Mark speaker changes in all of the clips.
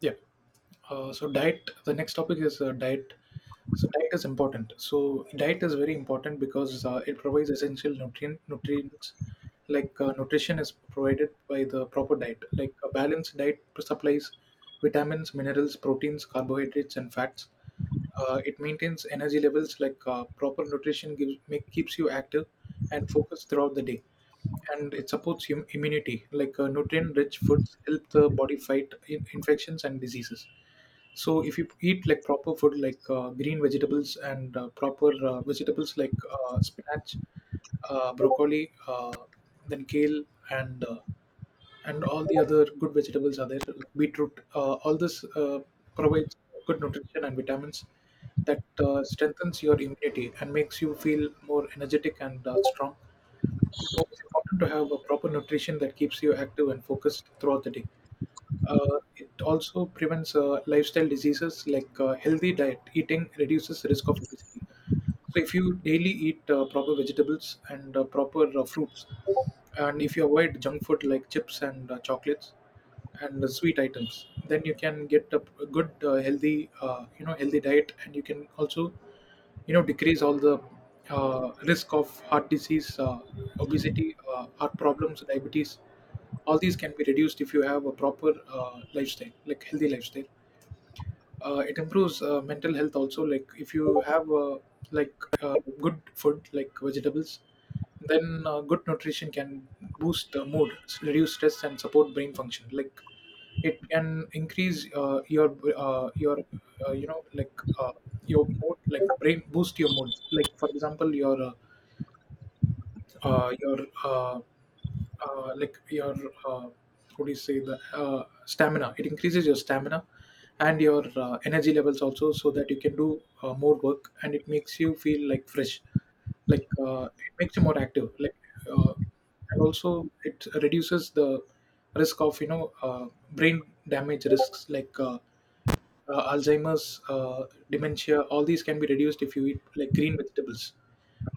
Speaker 1: Yeah. So diet. The next topic is diet. So diet is important. So diet is very important because it provides essential nutrients. Like nutrition is provided by the proper diet. Like a balanced diet supplies vitamins, minerals, proteins, carbohydrates, and fats. It maintains energy levels. Like proper nutrition keeps you active and focused throughout the day, and it supports immunity. Like nutrient-rich foods help the body fight infections and diseases. So if you eat like proper food like green vegetables and proper vegetables like spinach, broccoli, then kale and uh, and all the other good vegetables are there, like beetroot. All this provides good nutrition and vitamins that strengthens your immunity and makes you feel more energetic and strong. So it's important to have a proper nutrition that keeps you active and focused throughout the day. It also prevents lifestyle diseases, like healthy diet eating reduces risk of obesity. So if you daily eat proper vegetables and proper fruits, and if you avoid junk food like chips and chocolates and sweet items, then you can get a good healthy healthy diet, and you can also decrease all the risk of heart disease, obesity, heart problems, diabetes. All these can be reduced if you have a proper lifestyle, like healthy lifestyle. It improves mental health also, like if you have like uh, good food like vegetables, then good nutrition can boost mood, reduce stress, and support brain function, like it can increase uh, you know like uh, your mood, like brain boost your mood, like for example your uh, like your uh, what do you say, the stamina, it increases your stamina and your energy levels also, so that you can do more work, and it makes you feel like fresh, like it makes you more active. Like uh, and also it reduces the risk of brain damage risks, like Alzheimer's, dementia. All these can be reduced if you eat like green vegetables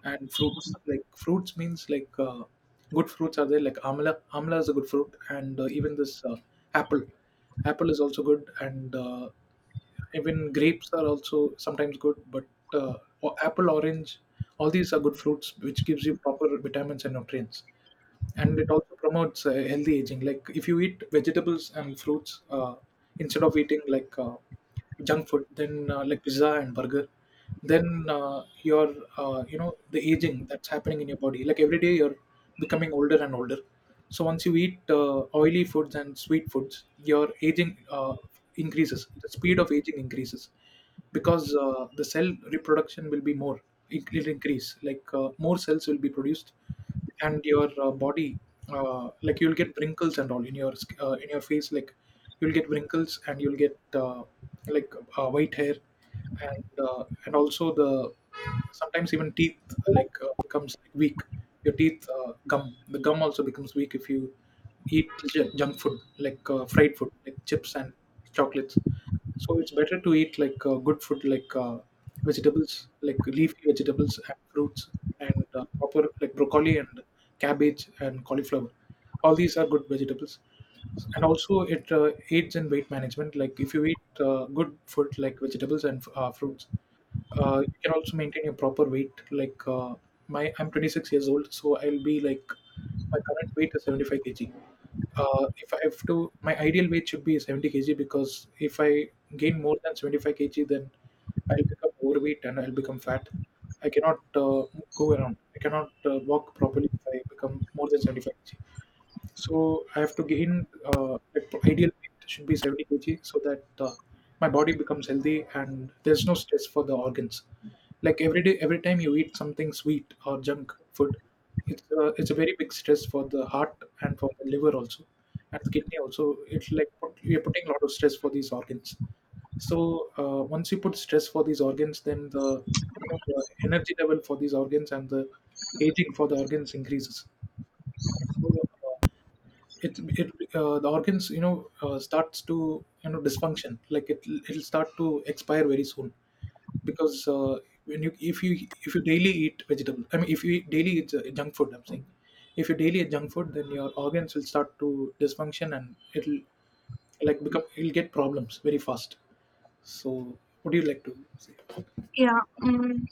Speaker 1: and fruits, like fruits means like good fruits are there, like amla. Amla is a good fruit, and even this apple. Apple is also good, and even grapes are also sometimes good, but uh, apple, orange, all these are good fruits which gives you proper vitamins and nutrients, and it also promotes healthy aging, like if you eat vegetables and fruits instead of eating like junk food, then like pizza and burger, then your you know the aging that's happening in your body, like every day you're becoming older and older. So once you eat oily foods and sweet foods, your aging increases the speed of aging increases, because the cell reproduction will be more, it will increase, like more cells will be produced, and your body, you'll get wrinkles and all in your in your face, like you'll get wrinkles and you'll get like white hair, and also, the sometimes even teeth becomes weak. Your teeth, gum the gum also becomes weak if you eat junk food like fried food like chips and chocolates. So it's better to eat like good food, like vegetables, like leafy vegetables and fruits, and proper, like broccoli and cabbage and cauliflower. All these are good vegetables, and also it aids in weight management. Like if you eat good food, like vegetables and fruits, you can also maintain your proper weight. I'm 26 years old, so I'll be like my current weight is 75 kg. If I have to, my ideal weight should be 70 kg, because if I gain more than 75 kg, then I'll become overweight and I'll become fat. I cannot go around. I cannot walk properly if I become more than 75 kg. So I have to gain at ideal weight should be 70 kg, so that my body becomes healthy and there's no stress for the organs. Like every day, every time you eat something sweet or junk food, it's a very big stress for the heart and for the liver also, and kidney also. It's you're putting a lot of stress for these organs. So once you put stress for these organs, then the energy level for these organs and the aging for the organs increases. So it it the organs starts to dysfunction, like it'll start to expire very soon, because when you if you daily eat vegetable, I mean, if you eat daily eat junk food, I'm saying, if you daily eat junk food, then your organs will start to dysfunction, and it'll like become it will get problems very fast. So what do you like to say?
Speaker 2: Yeah, um,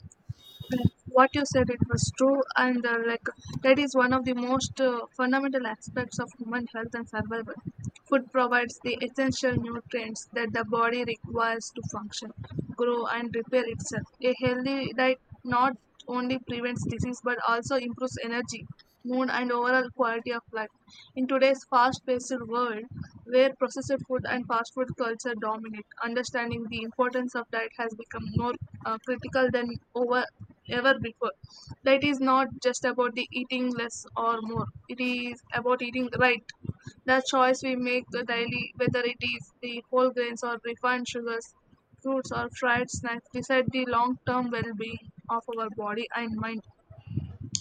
Speaker 2: what you said it was true, and like that is one of the most fundamental aspects of human health and survival. Food provides the essential nutrients that the body requires to function, grow, and repair itself. A healthy diet not only prevents disease but also improves energy, mood, and overall quality of life. In today's fast paced world, where processed food and fast food culture dominate, understanding the importance of diet has become more critical than over, ever before. Diet is not just about the eating less or more, it is about eating right. The choice we make daily, whether it is the whole grains or refined sugars, fruits or fried snacks decide the long term well being of our body and mind.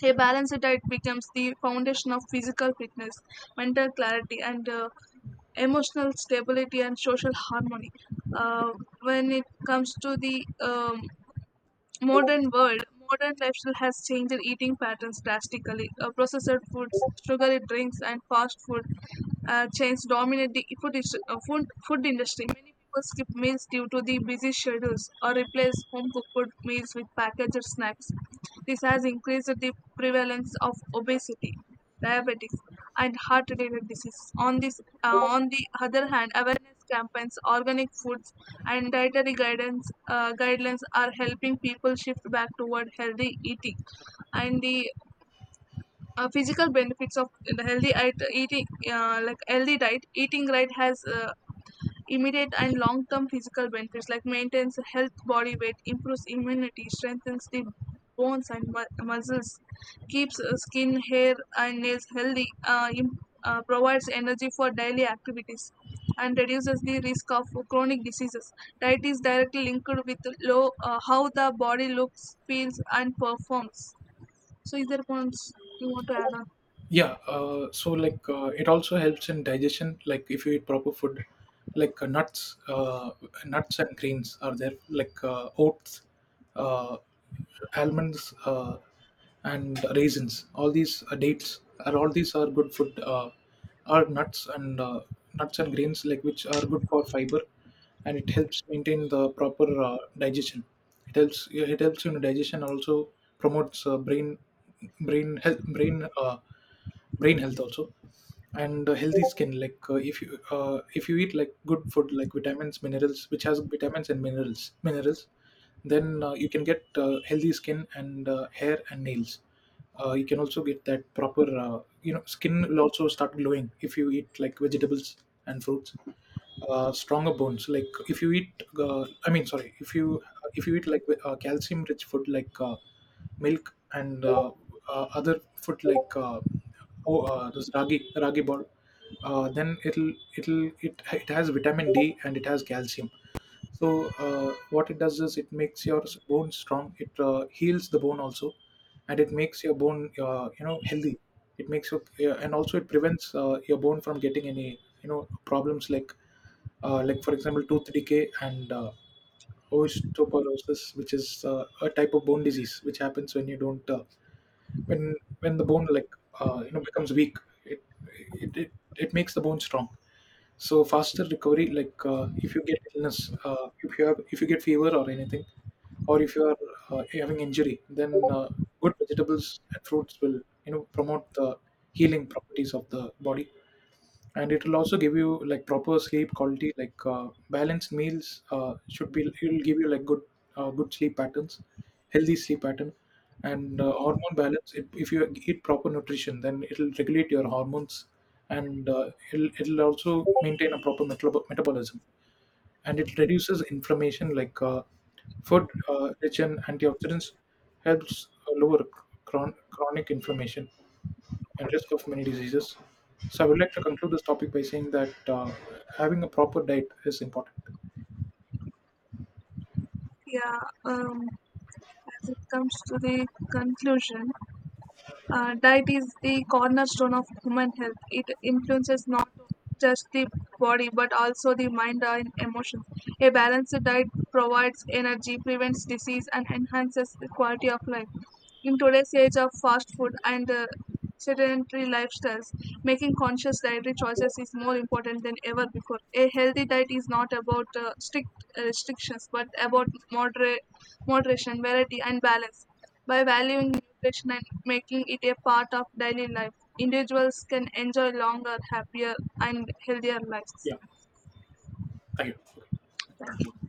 Speaker 2: A balanced diet becomes the foundation of physical fitness, mental clarity, and emotional stability and social harmony. Uh, when it comes to the modern world, modern lifestyle has changed eating patterns drastically. Processed foods, sugary drinks, and fast food chains dominate the food industry. Many people skip meals due to the busy schedules or replace home cooked meals with packaged snacks. This has increased the prevalence of obesity. Diabetes and heart-related diseases. On this, on the other hand, awareness campaigns, organic food and dietary guidance guidelines are helping people shift back toward healthy eating and the physical benefits of the eating like healthy diet eating right has immediate and long term physical benefits like maintains health body weight improves immunity strengthens the bones and muscles keeps skin hair and nails healthy provides energy for daily activities and reduces the risk of chronic diseases diet is directly linked with low how the body looks feels and performs so is there points you want to add on.
Speaker 1: Yeah. So like it also helps in digestion. Like if you eat proper food, like nuts, nuts and grains are there, like oats, uh, almonds, and raisins. All these, dates, are all these are good food. Are nuts and grains, like, which are good for fiber, and it helps maintain the proper digestion. It helps in digestion. Also promotes brain health. Brain health also, and healthy skin, like if you eat like good food, like vitamins minerals which has vitamins and minerals, then you can get healthy skin and hair and nails. You can also get that proper skin will also start glowing if you eat like vegetables and fruits. Stronger bones, like if you eat I mean, sorry, if you eat like calcium rich food, like milk and other food like oh, this ragi ball. Then it has vitamin D and it has calcium. So what it does is it makes your bone strong, it heals the bone also, and it makes your bone healthy. It makes your yeah, and also it prevents your bone from getting any you know problems, like for example tooth decay and osteoporosis, which is a type of bone disease, which happens when you don't when when the bone, becomes weak. It it makes the bone strong. So faster recovery, like if you get illness, if you get fever or anything, or if you are having injury, then good vegetables and fruits will promote the healing properties of the body, and it will also give you like proper sleep quality, like balanced meals should be it will give you like good sleep patterns, healthy sleep pattern, and hormone balance. If you eat proper nutrition, then it will regulate your hormones, and it'll also maintain a proper metabolism. And it reduces inflammation, like food rich in antioxidants helps lower chronic inflammation and risk of many diseases. So I would like to conclude this topic by saying that having a proper diet is important.
Speaker 2: yeah um, as it comes to the conclusion. Diet is the cornerstone of human health. It influences not just the body but also the mind and emotions. A balanced diet provides energy, prevents disease, and enhances the quality of life. In today's age of fast food and sedentary lifestyles, making conscious dietary choices is more important than ever before. A healthy diet is not about strict restrictions but about moderation, variety, and balance. By valuing nutrition and making it a part of daily life. Individuals can enjoy longer, happier, and healthier lives.
Speaker 1: Yeah. Thank you.
Speaker 2: Thank you.